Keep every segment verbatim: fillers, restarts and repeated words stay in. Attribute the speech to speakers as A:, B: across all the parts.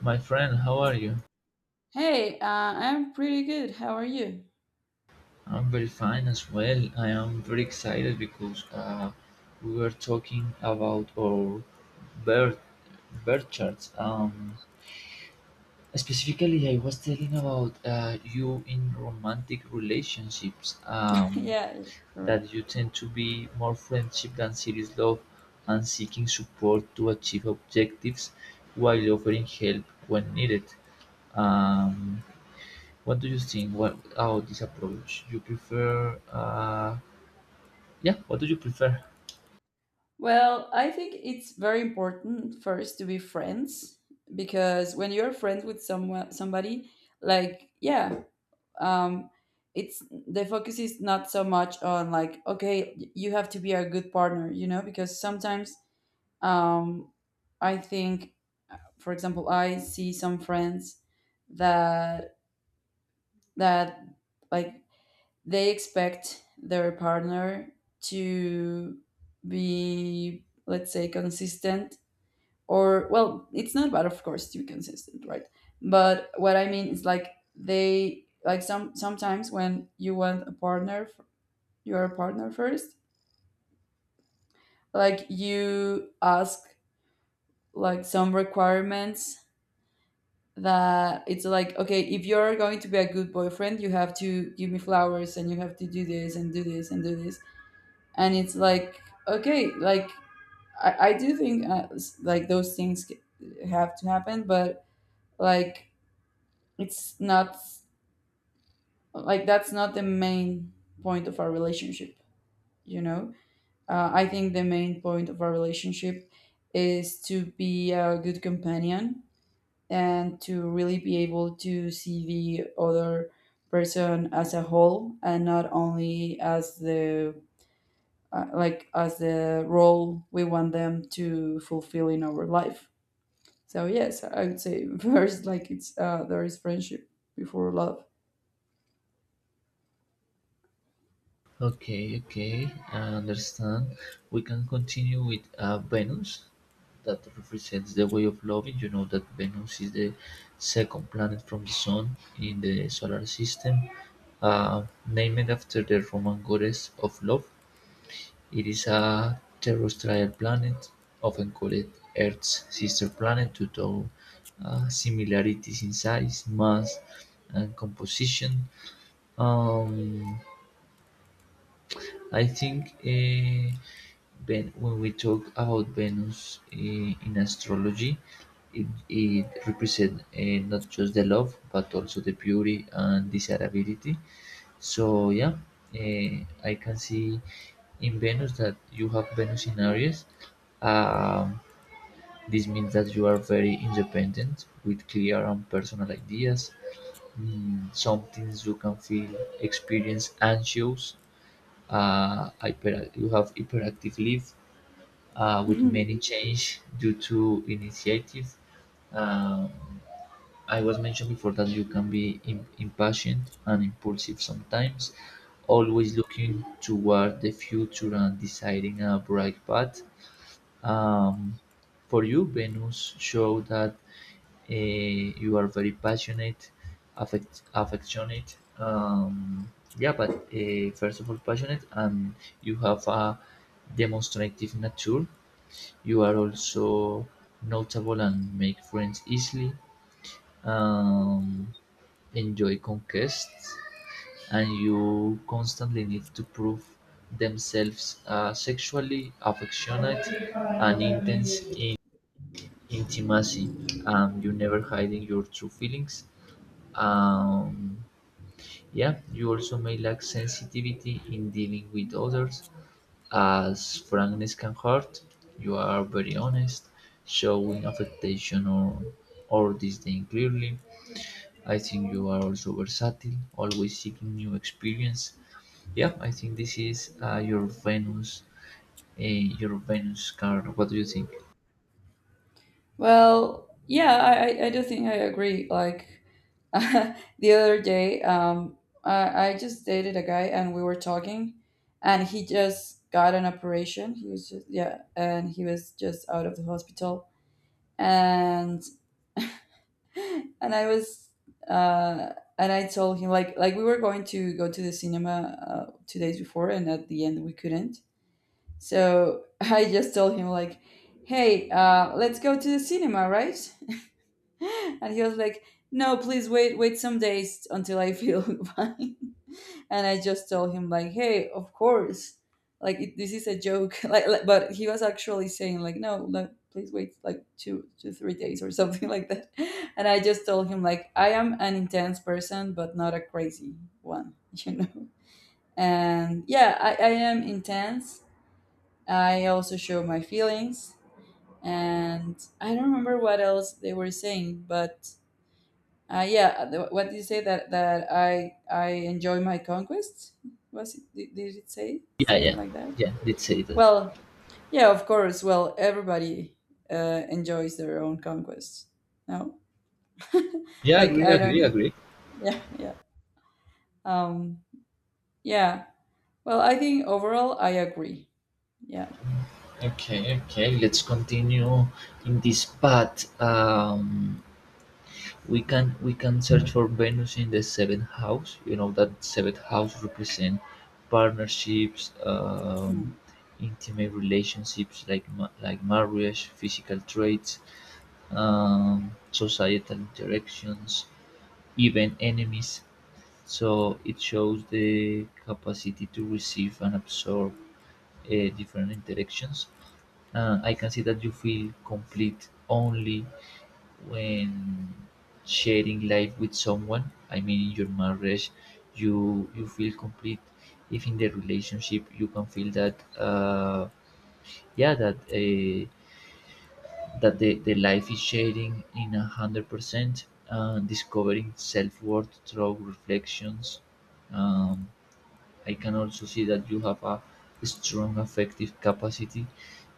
A: My friend, how are you?
B: Hey, uh, I'm pretty good. How are you?
A: I'm very fine as well. I am very excited because uh, we were talking about our birth birth charts. Um, specifically, I was telling about uh, you in romantic relationships. Um,
B: Yeah, all right.
A: that you tend to be more friendship than serious love, and seeking support to achieve objectives while offering help when needed. Um, What do you think? What about this approach? You prefer, uh, yeah, what do you prefer?
B: Well, I think it's very important first to be friends because when you're friends with someone, somebody, like, yeah, um, it's the focus is not so much on like, okay, y- you have to be a good partner, you know, because sometimes, um, I think, for example, I see some friends that that like they expect their partner to be, let's say, consistent. Or, well, it's not bad, of course, to be consistent, right? But what I mean is like they like some sometimes when you want a partner, f- your partner first, like you ask like some requirements that it's like, okay, if you're going to be a good boyfriend, you have to give me flowers and you have to do this and do this and do this. And it's like, okay, like i, I do think uh, s- like those things c- have to happen, but like it's not like that's not the main point of our relationship, you know. uh, I think the main point of our relationship is to be a good companion and to really be able to see the other person as a whole and not only as the uh, like as the role we want them to fulfill in our life. So yes, I would say first, like it's uh, there is friendship before love.
A: Okay, okay, I understand. We can continue with uh, Venus, that represents the way of loving. You know that Venus is the second planet from the sun in the solar system, uh, named after the Roman goddess of love. It is a terrestrial planet, often called Earth's sister planet due to uh, similarities in size, mass, and composition. Um, I think eh, Ven- when we talk about Venus eh, in astrology, it, it represents eh, not just the love but also the beauty and desirability. So yeah, eh, I can see in Venus that you have Venus in Aries. Um, this means that you are very independent with clear and personal ideas. Mm, sometimes you can feel experience anxious, uh, hyper, you have hyperactive leaves, uh, with
B: Mhm.
A: many change due to initiative. Um, I was mentioned before that you can be im- impatient and impulsive sometimes, always looking toward the future and deciding a bright path. Um, for you, Venus showed that uh, you are very passionate, affect, affectionate. Um, yeah, but uh, first of all, passionate, and you have a demonstrative nature. You are also notable and make friends easily. Um, enjoy conquests, and you constantly need to prove themselves, uh, sexually affectionate and intense in intimacy. Um, you never hiding your true feelings. um, yeah, you also may lack sensitivity in dealing with others as frankness can hurt. You are very honest, showing affectation or or disdain clearly. I think you are also versatile, always seeking new experience. Yeah, I think this is uh, your Venus, uh, your Venus card. What do you think?
B: Well, yeah, I, I I do think I agree. Like the other day, um, I, I just dated a guy and we were talking, and he just got an operation. He was just, yeah, and he was just out of the hospital, and and I was uh, and I told him like like we were going to go to the cinema uh, two days before, and at the end we couldn't. So I just told him like, "Hey, uh, let's go to the cinema, right?" And he was like, "No, please, wait, wait some days until I feel fine." And I just told him like, "Hey, of course, like it, this is a joke." like, like- but he was actually saying like, "No, like, please wait like two to three days or something like that." And I just told him like, "I am an intense person, but not a crazy one, you know." And yeah, I, I am intense. I also show my feelings. And I don't remember what else they were saying, but uh, yeah, uh, the- what did you say that that I I enjoy my conquests? Was it, did, did it say
A: Yeah,
B: something
A: yeah,
B: like that?
A: yeah, let's say that.
B: Well, yeah, of course. Well, everybody uh, enjoys their own conquests. No,
A: Yeah,
B: like
A: agree,
B: I
A: agree,
B: don't.
A: agree.
B: Yeah, yeah, um, yeah. Well, I think overall I agree. Yeah.
A: Okay, okay, let's continue in this path. Um, we can we can search for Venus in the seventh house. You know that seventh house represent partnerships, um,
B: Mm,
A: intimate relationships like ma- like marriage, physical traits, um, societal interactions, even enemies. So it shows the capacity to receive and absorb uh, different interactions. Uh, I can say that you feel complete only when sharing life with someone. I mean, in your marriage, you you feel complete. If in the relationship, you can feel that, uh, yeah, that, uh, that the, the life is sharing in a hundred percent, uh, discovering self worth through reflections. Um, I can also see that you have a strong affective capacity.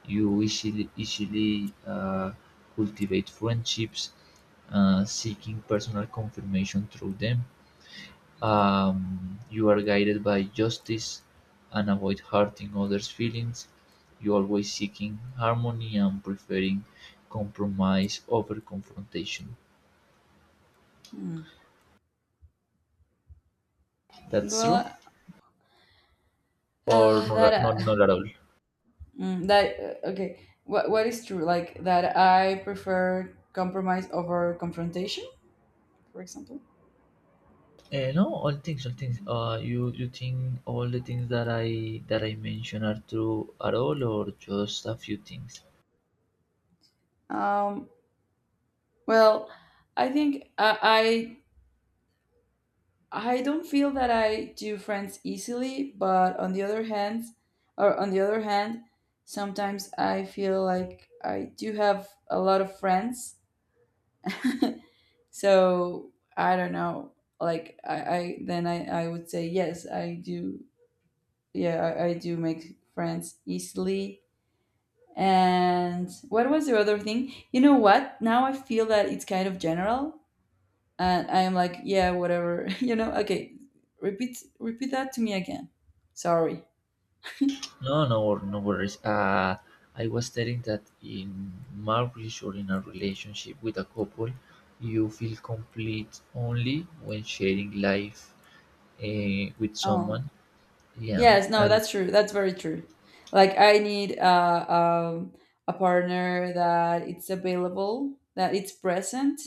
A: You easily easily uh, cultivate friendships, uh, seeking personal confirmation through them. Um, you are guided by justice and avoid hurting others' feelings. You always seeking harmony and preferring compromise over confrontation.
B: mm.
A: That's true,
B: Well,
A: or
B: uh, that
A: not, not,
B: uh,
A: not at all?
B: mm, that uh, okay. What what is true? Like that I prefer compromise over confrontation, for example.
A: Eh, no, all things, all things. Uh, you you think all the things that I that I mention are true at all, or just a few things?
B: Um, Well, I think I, I I don't feel that I do friends easily, but on the other hand, or on the other hand, sometimes I feel like I do have a lot of friends. So I don't know. Like I, I then I, I would say yes, I do. Yeah, I, I do make friends easily. And what was the other thing? You know what? Now I feel that it's kind of general and I am like, yeah, whatever, you know. Okay, repeat repeat that to me again. Sorry.
A: No, no, wor- no worries. Uh, I was telling that in marriage or in a relationship with a couple, you feel complete only when sharing life uh, with
B: Oh,
A: someone. Yeah,
B: yes, no,
A: and
B: that's true. That's very true. Like I need uh, um, a partner that it's available, that it's present,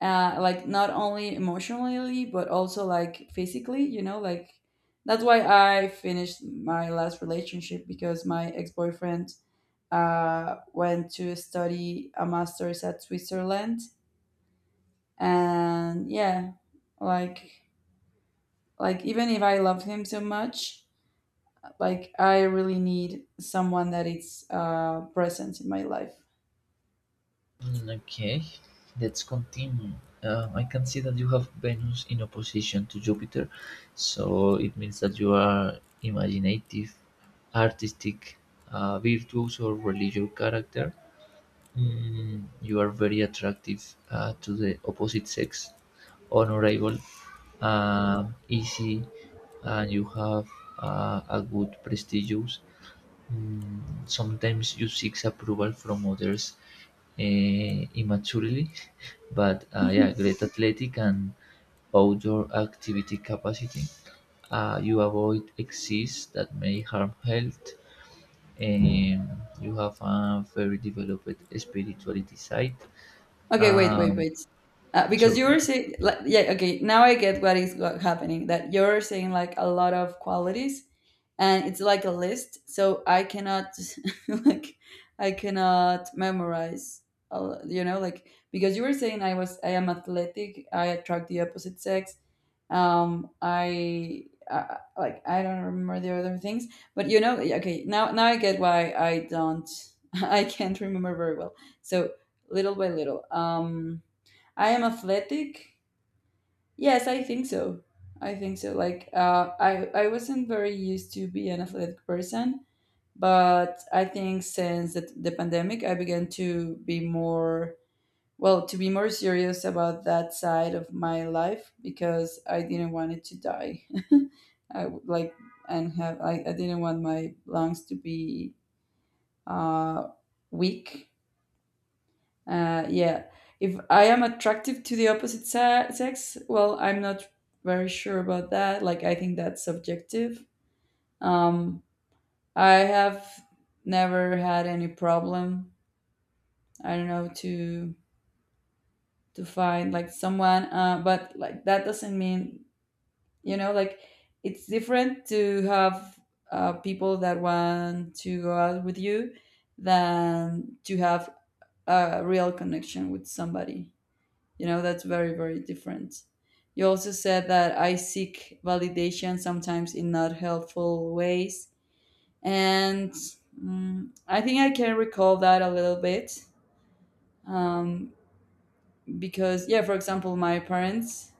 B: uh, like not only emotionally but also like physically. You know, like that's why I finished my last relationship because my ex boyfriend uh, went to study a master's at Switzerland. And yeah, like like even if I love him so much, like I really need someone that is uh present in my life.
A: mm, okay, let's continue. Uh, I can see that you have Venus in opposition to Jupiter, so it means that you are imaginative, artistic, uh, virtuous, or religious character. Mm, you are very attractive, uh, to the opposite sex, honorable, um, easy, and you have uh, a good prestige. Mm, sometimes you seek approval from others, eh, immaturely, but uh, yeah, great athletic and outdoor activity capacity. Uh, you avoid excess that may harm health. Um, you have a very developed spirituality side.
B: Okay, wait, wait,
A: Um,
B: wait, uh, because
A: so
B: you were
A: yeah,
B: saying like, yeah, okay, now I get what is what happening, that you're saying like a lot of qualities and it's like a list, so I cannot like I cannot memorize. Uh, you know, like, because you were saying i was I am athletic, I attract the opposite sex. um I uh, Like, I don't remember the other things, but you know, okay, now now I get why I don't I can't remember very well. So little by little. um I am athletic. Yes, I think so. I think so. Like, uh, I I wasn't very used to be an athletic person, but I think since the, the pandemic, I began to be more, well, to be more serious about that side of my life because I didn't want it to die. I would like and have I, I didn't want my lungs to be uh weak, uh, yeah. If I am attractive to the opposite se- sex, well, I'm not very sure about that. Like, I think that's subjective. Um, I have never had any problem. I don't know to to find like someone, uh, but like that doesn't mean, you know, like it's different to have uh, people that want to go out with you than to have a real connection with somebody. You know, that's very, very different. You also said that I seek validation sometimes in not helpful ways. And mm I think I can recall that a little bit, um, because, yeah, for example, my parents,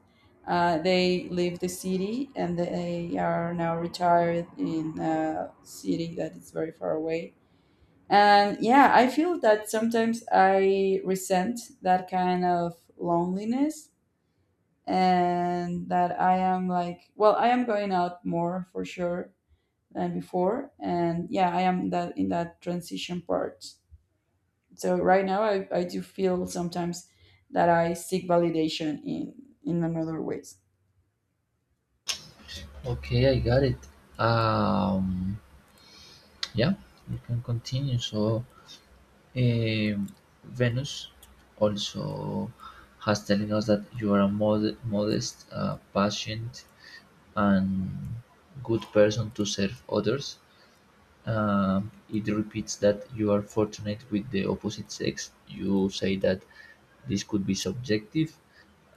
B: uh, they leave the city and they are now retired in a city that is very far away. And yeah, I feel that sometimes I resent that kind of loneliness and that I am like, well, I am going out more for sure than before, and yeah, I am that in that transition part. So right now, I, I do feel sometimes that I seek validation in in another ways.
A: okay, I got it. Um, yeah, you can continue. So Eh, Venus also has telling us that you are a mod- modest, uh, patient, and good person to serve others. Um, it repeats that you are fortunate with the opposite sex. You say that this could be subjective,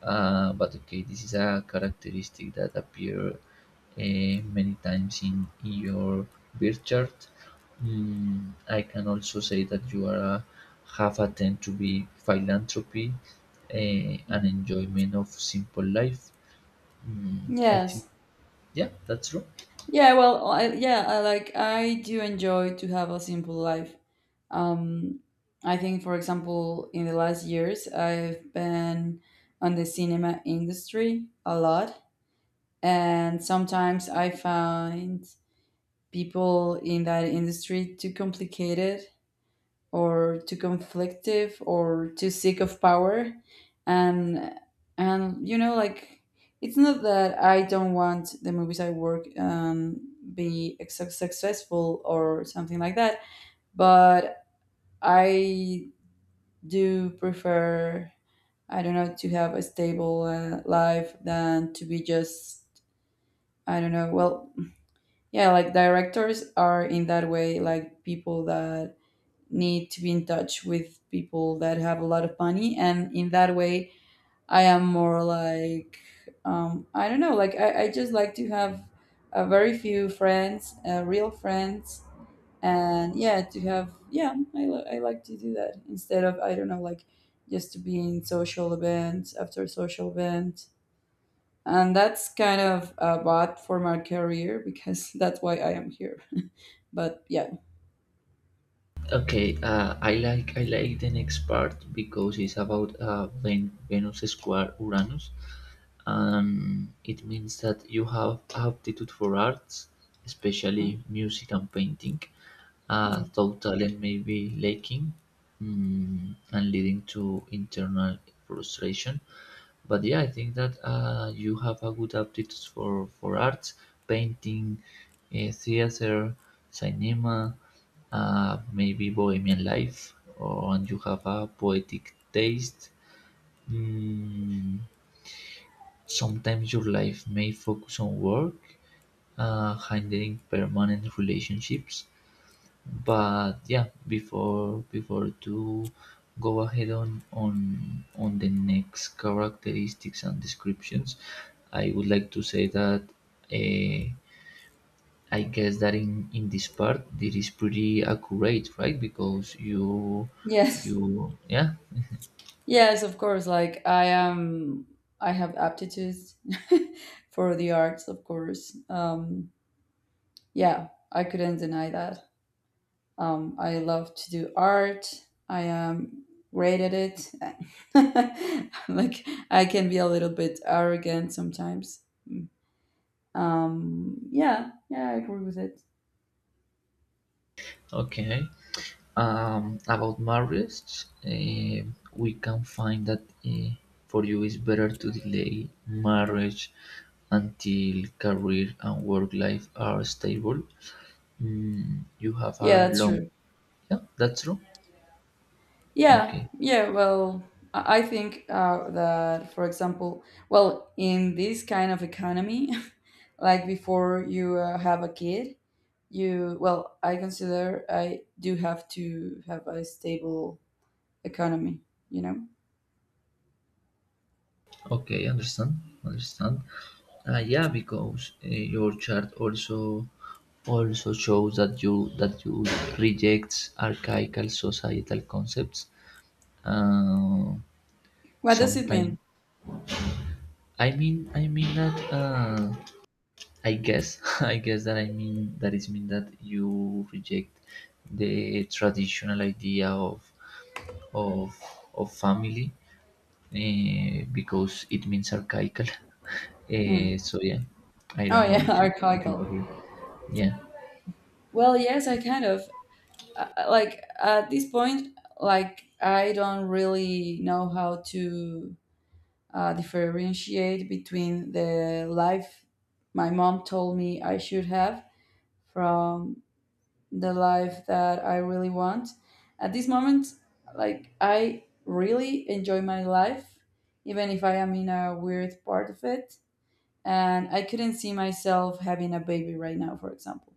A: uh, but okay, this is a characteristic that appear, eh, many times in, in your birth chart. Mm, I can also say that you are a, have a tend to be philanthropy, eh, and enjoyment of simple life. Mm, I think
B: Yes.
A: yeah, that's true.
B: Yeah. Well. I, yeah. I like. I do enjoy to have a simple life. Um. I think, for example, in the last years, I've been on the cinema industry a lot, and sometimes I find people in that industry too complicated or too conflictive or too sick of power. And and you know, like, it's not that I don't want the movies I work um be ex- successful or something like that, but I do prefer, I don't know, to have a stable uh, life than to be just, I don't know, well. Yeah, like directors are in that way, like people that need to be in touch with people that have a lot of money. And in that way, I am more like, um, I don't know, like, I, I just like to have a very few friends, uh, real friends. And yeah, to have, yeah, I, li- I like to do that instead of, I don't know, like, just to be in social events after social event. And that's kind of a bot for my career because that's why I am here, but yeah.
A: Okay, uh, I like I like the next part because it's about uh, Ven- Venus square Uranus, and it means that you have aptitude for arts,
B: Mm,
A: especially music and painting, uh,
B: mm.
A: though talent may be lacking, mm, and leading to internal frustration. But yeah, I think that uh, you have a good aptitude for, for arts, painting, uh, theater, cinema, uh, maybe bohemian life, or, and you have a poetic taste. Mm, sometimes your life may focus on work, uh, handling permanent relationships. But yeah, before before to go ahead on on on the next characteristics and descriptions, I would like to say that uh, I guess that in in this part this is pretty accurate, right? Because you
B: Yes,
A: you yeah
B: yes, of course, like I am, I have aptitudes for the arts, of course. Um yeah, I couldn't deny that. um I love to do art. I am great at it. Like I can be a little bit arrogant sometimes. Um yeah, yeah, I agree with it.
A: okay. Um, about marriage, eh, we can find that eh, for you it's better to delay marriage until career and work life are stable. Mm, you have a
B: Yeah, that's
A: long.
B: true.
A: Yeah, that's true.
B: Yeah,
A: Okay,
B: yeah. Well, I I think uh, that, for example, well, in this kind of economy, like before you uh, have a kid, you, well, I consider I do have to have a stable economy. You know.
A: okay, understand, understand. Uh, yeah, because uh, your chart also also shows that you that you rejects archaical societal concepts. Uh,
B: What does it
A: sometimes
B: mean?
A: I mean, I mean that. Uh, I guess, I guess that I mean that is mean that you reject the traditional idea of of of family, uh, because it means archaical.
B: Hmm.
A: Uh, so yeah, I
B: Oh
A: don't know
B: yeah,
A: if you if you agree.
B: archaical.
A: Yeah.
B: Well, yes, I kind of uh, uh, like, at this point, like, I don't really know how to uh, differentiate between the life my mom told me I should have from the life that I really want. At this moment, like, I really enjoy my life, even if I am in a weird part of it. And I couldn't see myself having a baby right now, for example.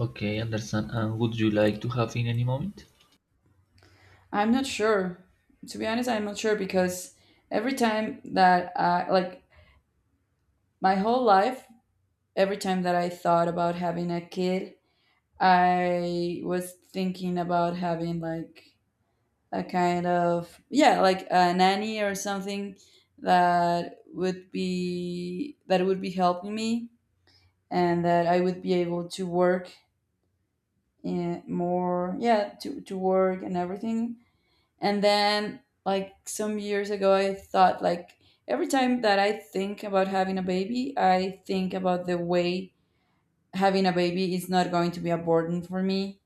A: Okay, understand. And would you like to have in any moment?
B: I'm not sure. To be honest, I'm not sure because every time that I, like, my whole life, every time that I thought about having a kid, I was thinking about having like a kind of, yeah, like a nanny or something that would be that would be helping me and that I would be able to work in more, yeah, to, to work and everything. And then like some years ago I thought like every time that I think about having a baby, I think about the way having a baby is not going to be a burden for me,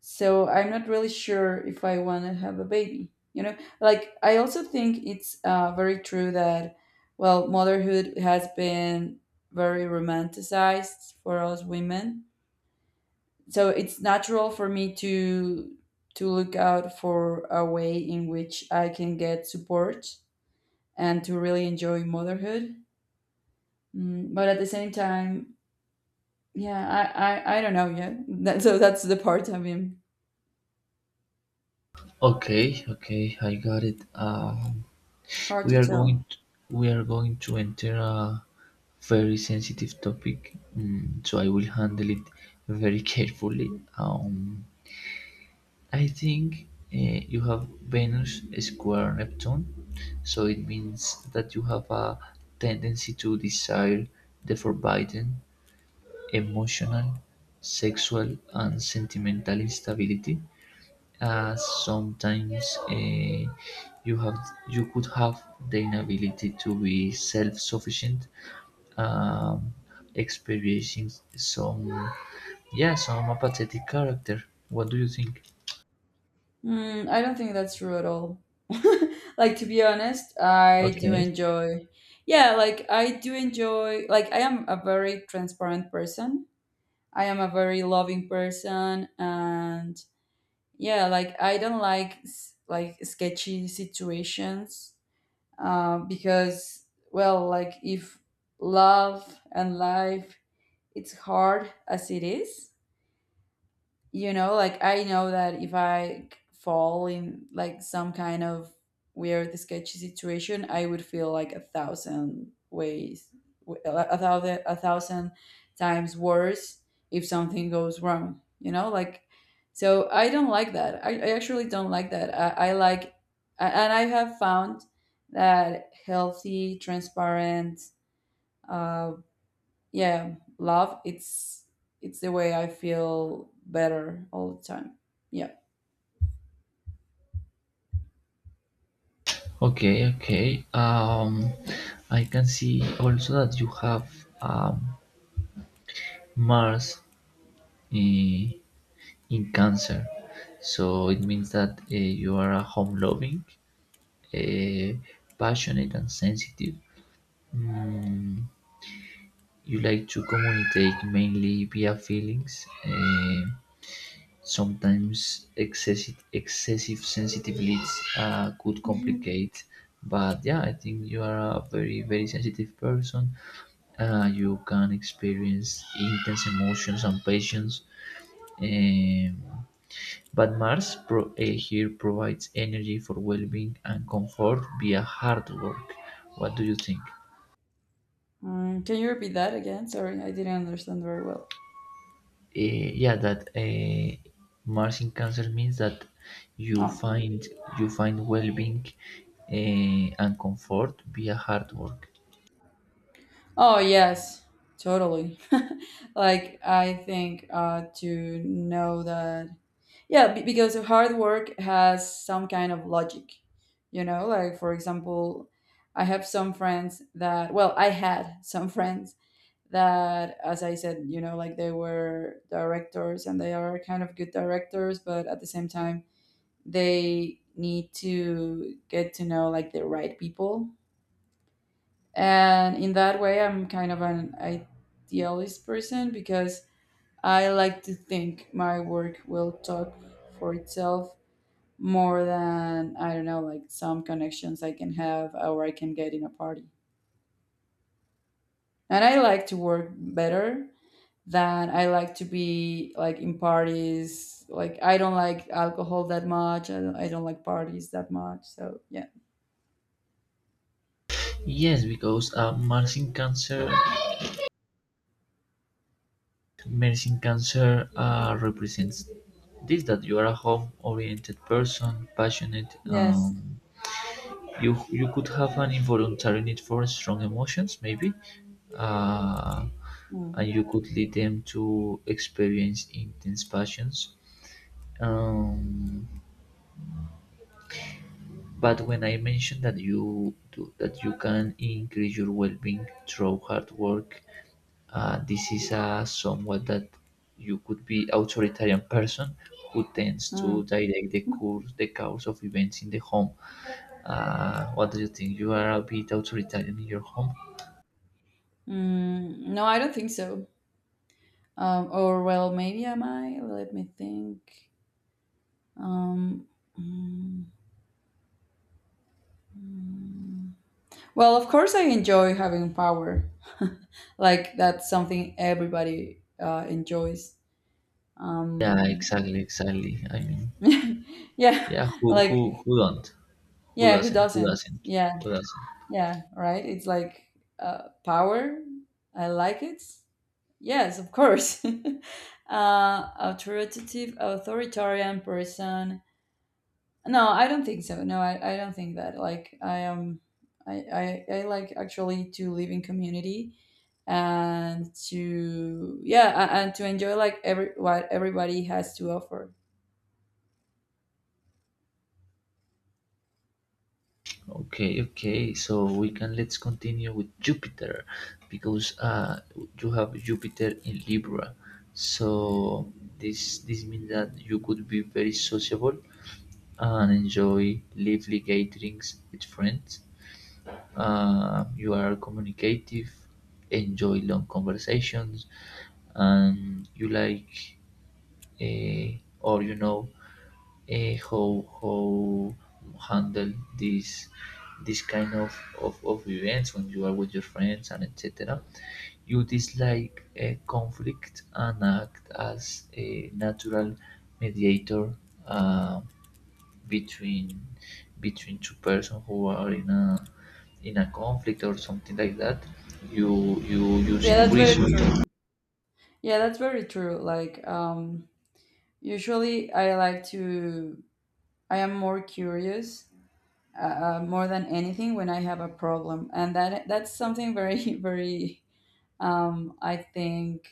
B: so I'm not really sure if I want to have a baby, you know, like I also think it's uh, very true that, well, motherhood has been very romanticized for us women, so it's natural for me to to look out for a way in which I can get support and to really enjoy motherhood. Mm, but at the same time, yeah, i i, I don't know yet that, so that's the part I mean.
A: Okay, okay, I got it. Um,
B: It's hard
A: We
B: to
A: are
B: tell.
A: going to, we are going to enter a very sensitive topic, mm, so I will handle it very carefully. Um, I think uh, you have Venus square Neptune, so it means that you have a tendency to desire the forbidden, emotional, sexual, and sentimental instability, uh, sometimes uh, you have you could have the inability to be self-sufficient, um, experiencing some yeah some apathetic character. What do you think?
B: Mm, I don't think that's true at all. Like, to be honest, I do
A: Okay.
B: enjoy. Yeah, like I do enjoy. Like I am a very transparent person. I am a very loving person, and yeah, like I don't like s- like sketchy situations. Uh, because, well, like if love and life, it's hard as it is, you know, like I know that if I fall in like some kind of weird sketchy situation, I would feel like a thousand ways, a thousand a thousand times worse if something goes wrong, you know like so I don't like that i, I actually don't like that i, I like a- and I have found that healthy, transparent, uh, yeah, love, it's it's the way I feel better all the time. Yeah.
A: Okay, okay, um I can see also that you have um Mars in, in Cancer, so it means that uh, you are a home loving, uh, passionate and sensitive. Mm, you like to communicate mainly via feelings, eh, sometimes excessive, excessive sensitivities uh, could
B: Mhm.
A: complicate. But yeah, I think you are a very, very sensitive person. Uh, you can experience intense emotions and passions. Um, but Mars pro- eh, here provides energy for well being and comfort via hard work. What do you think?
B: Mm, can you repeat that again? Sorry, I didn't understand very well.
A: Eh, yeah that uh, Mars in Cancer means that you
B: Oh,
A: find you find well-being, eh, and comfort via hard work.
B: oh yes, totally. Like I think uh, to know that, yeah, be- because hard work has some kind of logic. You know, like for example, I have some friends that, well, I had some friends that, as I said, you know, like they were directors and they are kind of good directors, but at the same time they need to get to know like the right people, and in that way I'm kind of an idealist person, because I like to think my work will talk for itself, more than, I don't know, like some connections I can have or I can get in a party. And I like to work better then I like to be like in parties. Like I don't like alcohol that much. I don't, I don't like parties that much. So yeah.
A: Yes, because uh, mars in cancer mars in cancer uh, represents this that you are a home-oriented person passionate,
B: Yes.
A: um, you you could have an involuntary need for strong emotions maybe, uh,
B: Mm,
A: and you could lead them to experience intense passions. Um, but when I mentioned that you do, that you can increase your well-being through hard work, uh, this is a somewhat that you could be authoritarian person who tends
B: mm,
A: to direct the course the course of events in the home. Uh, what do you think? You are a bit authoritarian in your home?
B: mm. No, I don't think so. Um, or well, maybe am I? Let me think. Um, mm. Well, of course, I enjoy having power. Like that's something everybody uh, enjoys.
A: Yeah,
B: Um,
A: exactly, exactly. I mean,
B: yeah,
A: yeah, who who
B: like
A: who don't? Who
B: yeah, who
A: doesn't? Who
B: doesn't?
A: doesn't?
B: Yeah,
A: Who doesn't?
B: yeah, right? It's like uh, power. I like it. Yes, of course. uh, authoritative, authoritarian person. No, I don't think so. No, I, I don't think that. Like, I am, I, I, I like, actually, to live in community and to, yeah, a- and to enjoy like every, what everybody has to offer.
A: Okay, okay. So we can let's continue with Jupiter because uh you have Jupiter in Libra. So this this means that you could be very sociable and enjoy lively gatherings with friends. Uh, you are communicative, enjoy long conversations, and you like, uh, or you know, uh, how how handle this this kind of, of, of events when you are with your friends and etc. You dislike uh, conflict and act as a natural mediator, uh, between between two persons who are in a in a conflict or something like that, you you
B: Yeah,
A: using
B: that's very
A: reason.
B: true. Yeah, that's very true. Like, um, usually I like to I am more curious, uh, uh, more than anything when I have a problem, and that that's something very very um, I think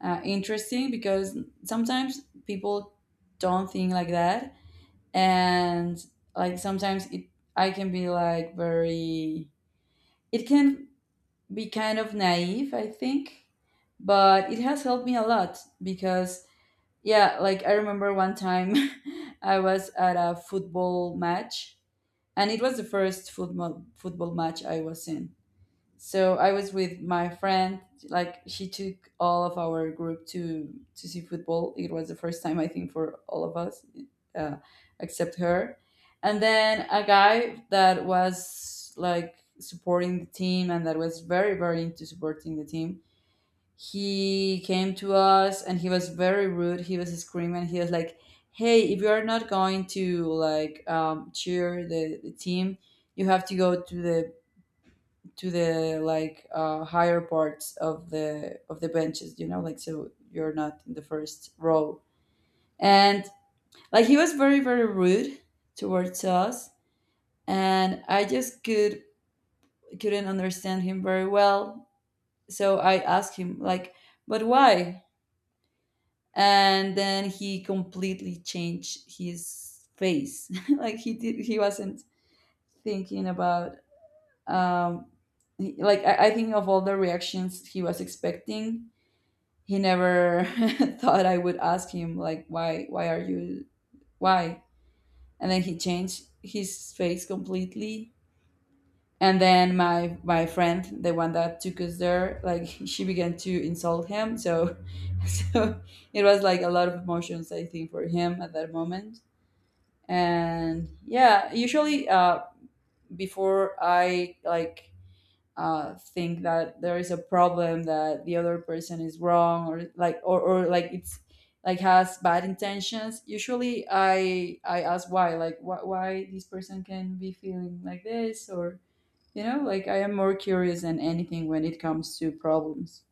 B: uh, interesting, because sometimes people don't think like that, and like sometimes it I can be like very it can be kind of naive, I think, but it has helped me a lot because, yeah, like I remember one time, I was at a football match, and it was the first football football match I was in. So I was with my friend. Like, she took all of our group to to see football. It was the first time, I think, for all of us, uh, except her. And then a guy that was like supporting the team and that was very very into supporting the team, he came to us and he was very rude, he was screaming, he was like, hey, if you are not going to like um, cheer the, the team, you have to go to the to the like uh, higher parts of the of the benches, you know, like so you're not in the first row. And like he was very very rude towards us, and I just could couldn't understand him very well, so I asked him like, but why? And then he completely changed his face. Like, he did, he wasn't thinking about, um, he- like I, I think of all the reactions he was expecting, he never thought I would ask him like, why why are you, why? And then he changed his face completely. And then my my friend, the one that took us there, like she began to insult him, so so it was like a lot of emotions, I think, for him at that moment. And yeah, usually uh, before I like uh, think that there is a problem, that the other person is wrong or like or, or like it's like has bad intentions, usually i I ask why, like wh- why this person can be feeling like this, or, you know, like I am more curious than anything when it comes to problems.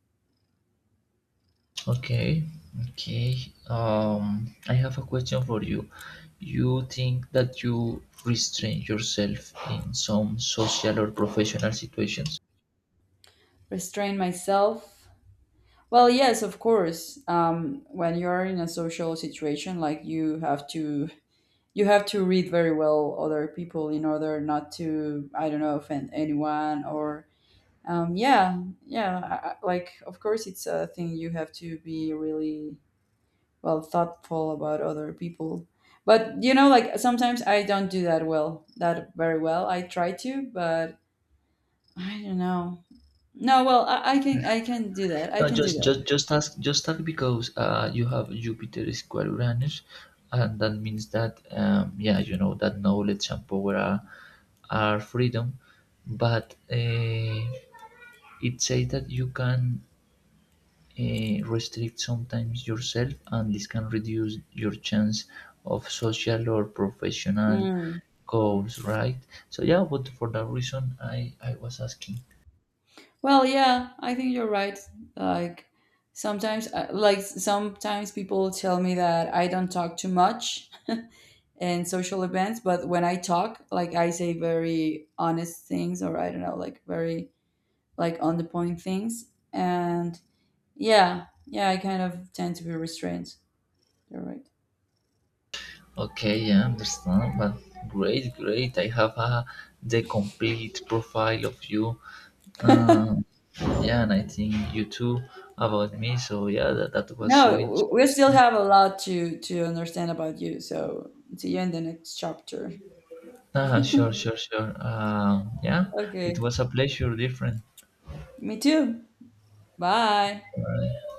A: Okay, okay. Um, I have a question for you. You think that you restrain yourself in some social or professional situations?
B: Restrain myself? Well, yes, of course. Um, when you're in a social situation, like you have to you have to read very well other people in order not to, I don't know, offend anyone or, um, yeah, yeah I, I- like of course it's a thing, you have to be really well thoughtful about other people. But you know, like sometimes I don't do that well, that very well, I try to, but I don't know. No, well, i, I can I can do that, i
A: No,
B: can do
A: just
B: that
A: just just ask, just ask because uh you have Jupiter square Uranus, and that means that um yeah you know that knowledge and power are are freedom, but uh, it says that you can uh, restrict sometimes yourself and this can reduce your chance of social or professional
B: Mm.
A: goals, right? So yeah, but for that reason i i was asking.
B: Well, yeah, I think you're right. Like sometimes, uh, like sometimes people tell me that I don't talk too much in social events, but when I talk, like I say very honest things, or I don't know, like very like on the point things. And yeah, yeah, I kind of tend to be restrained. You're right.
A: Okay, I understand, but great great I have a the complete profile of you. um yeah, and I think you too about me, so yeah, that, that was so
B: No, w- we still
A: interesting.
B: have a lot to to understand about you. So see you in the next chapter.
A: Ah sure, sure, sure, um yeah, it
B: Okay,
A: was a pleasure different.
B: me too. Bye.
A: Bye.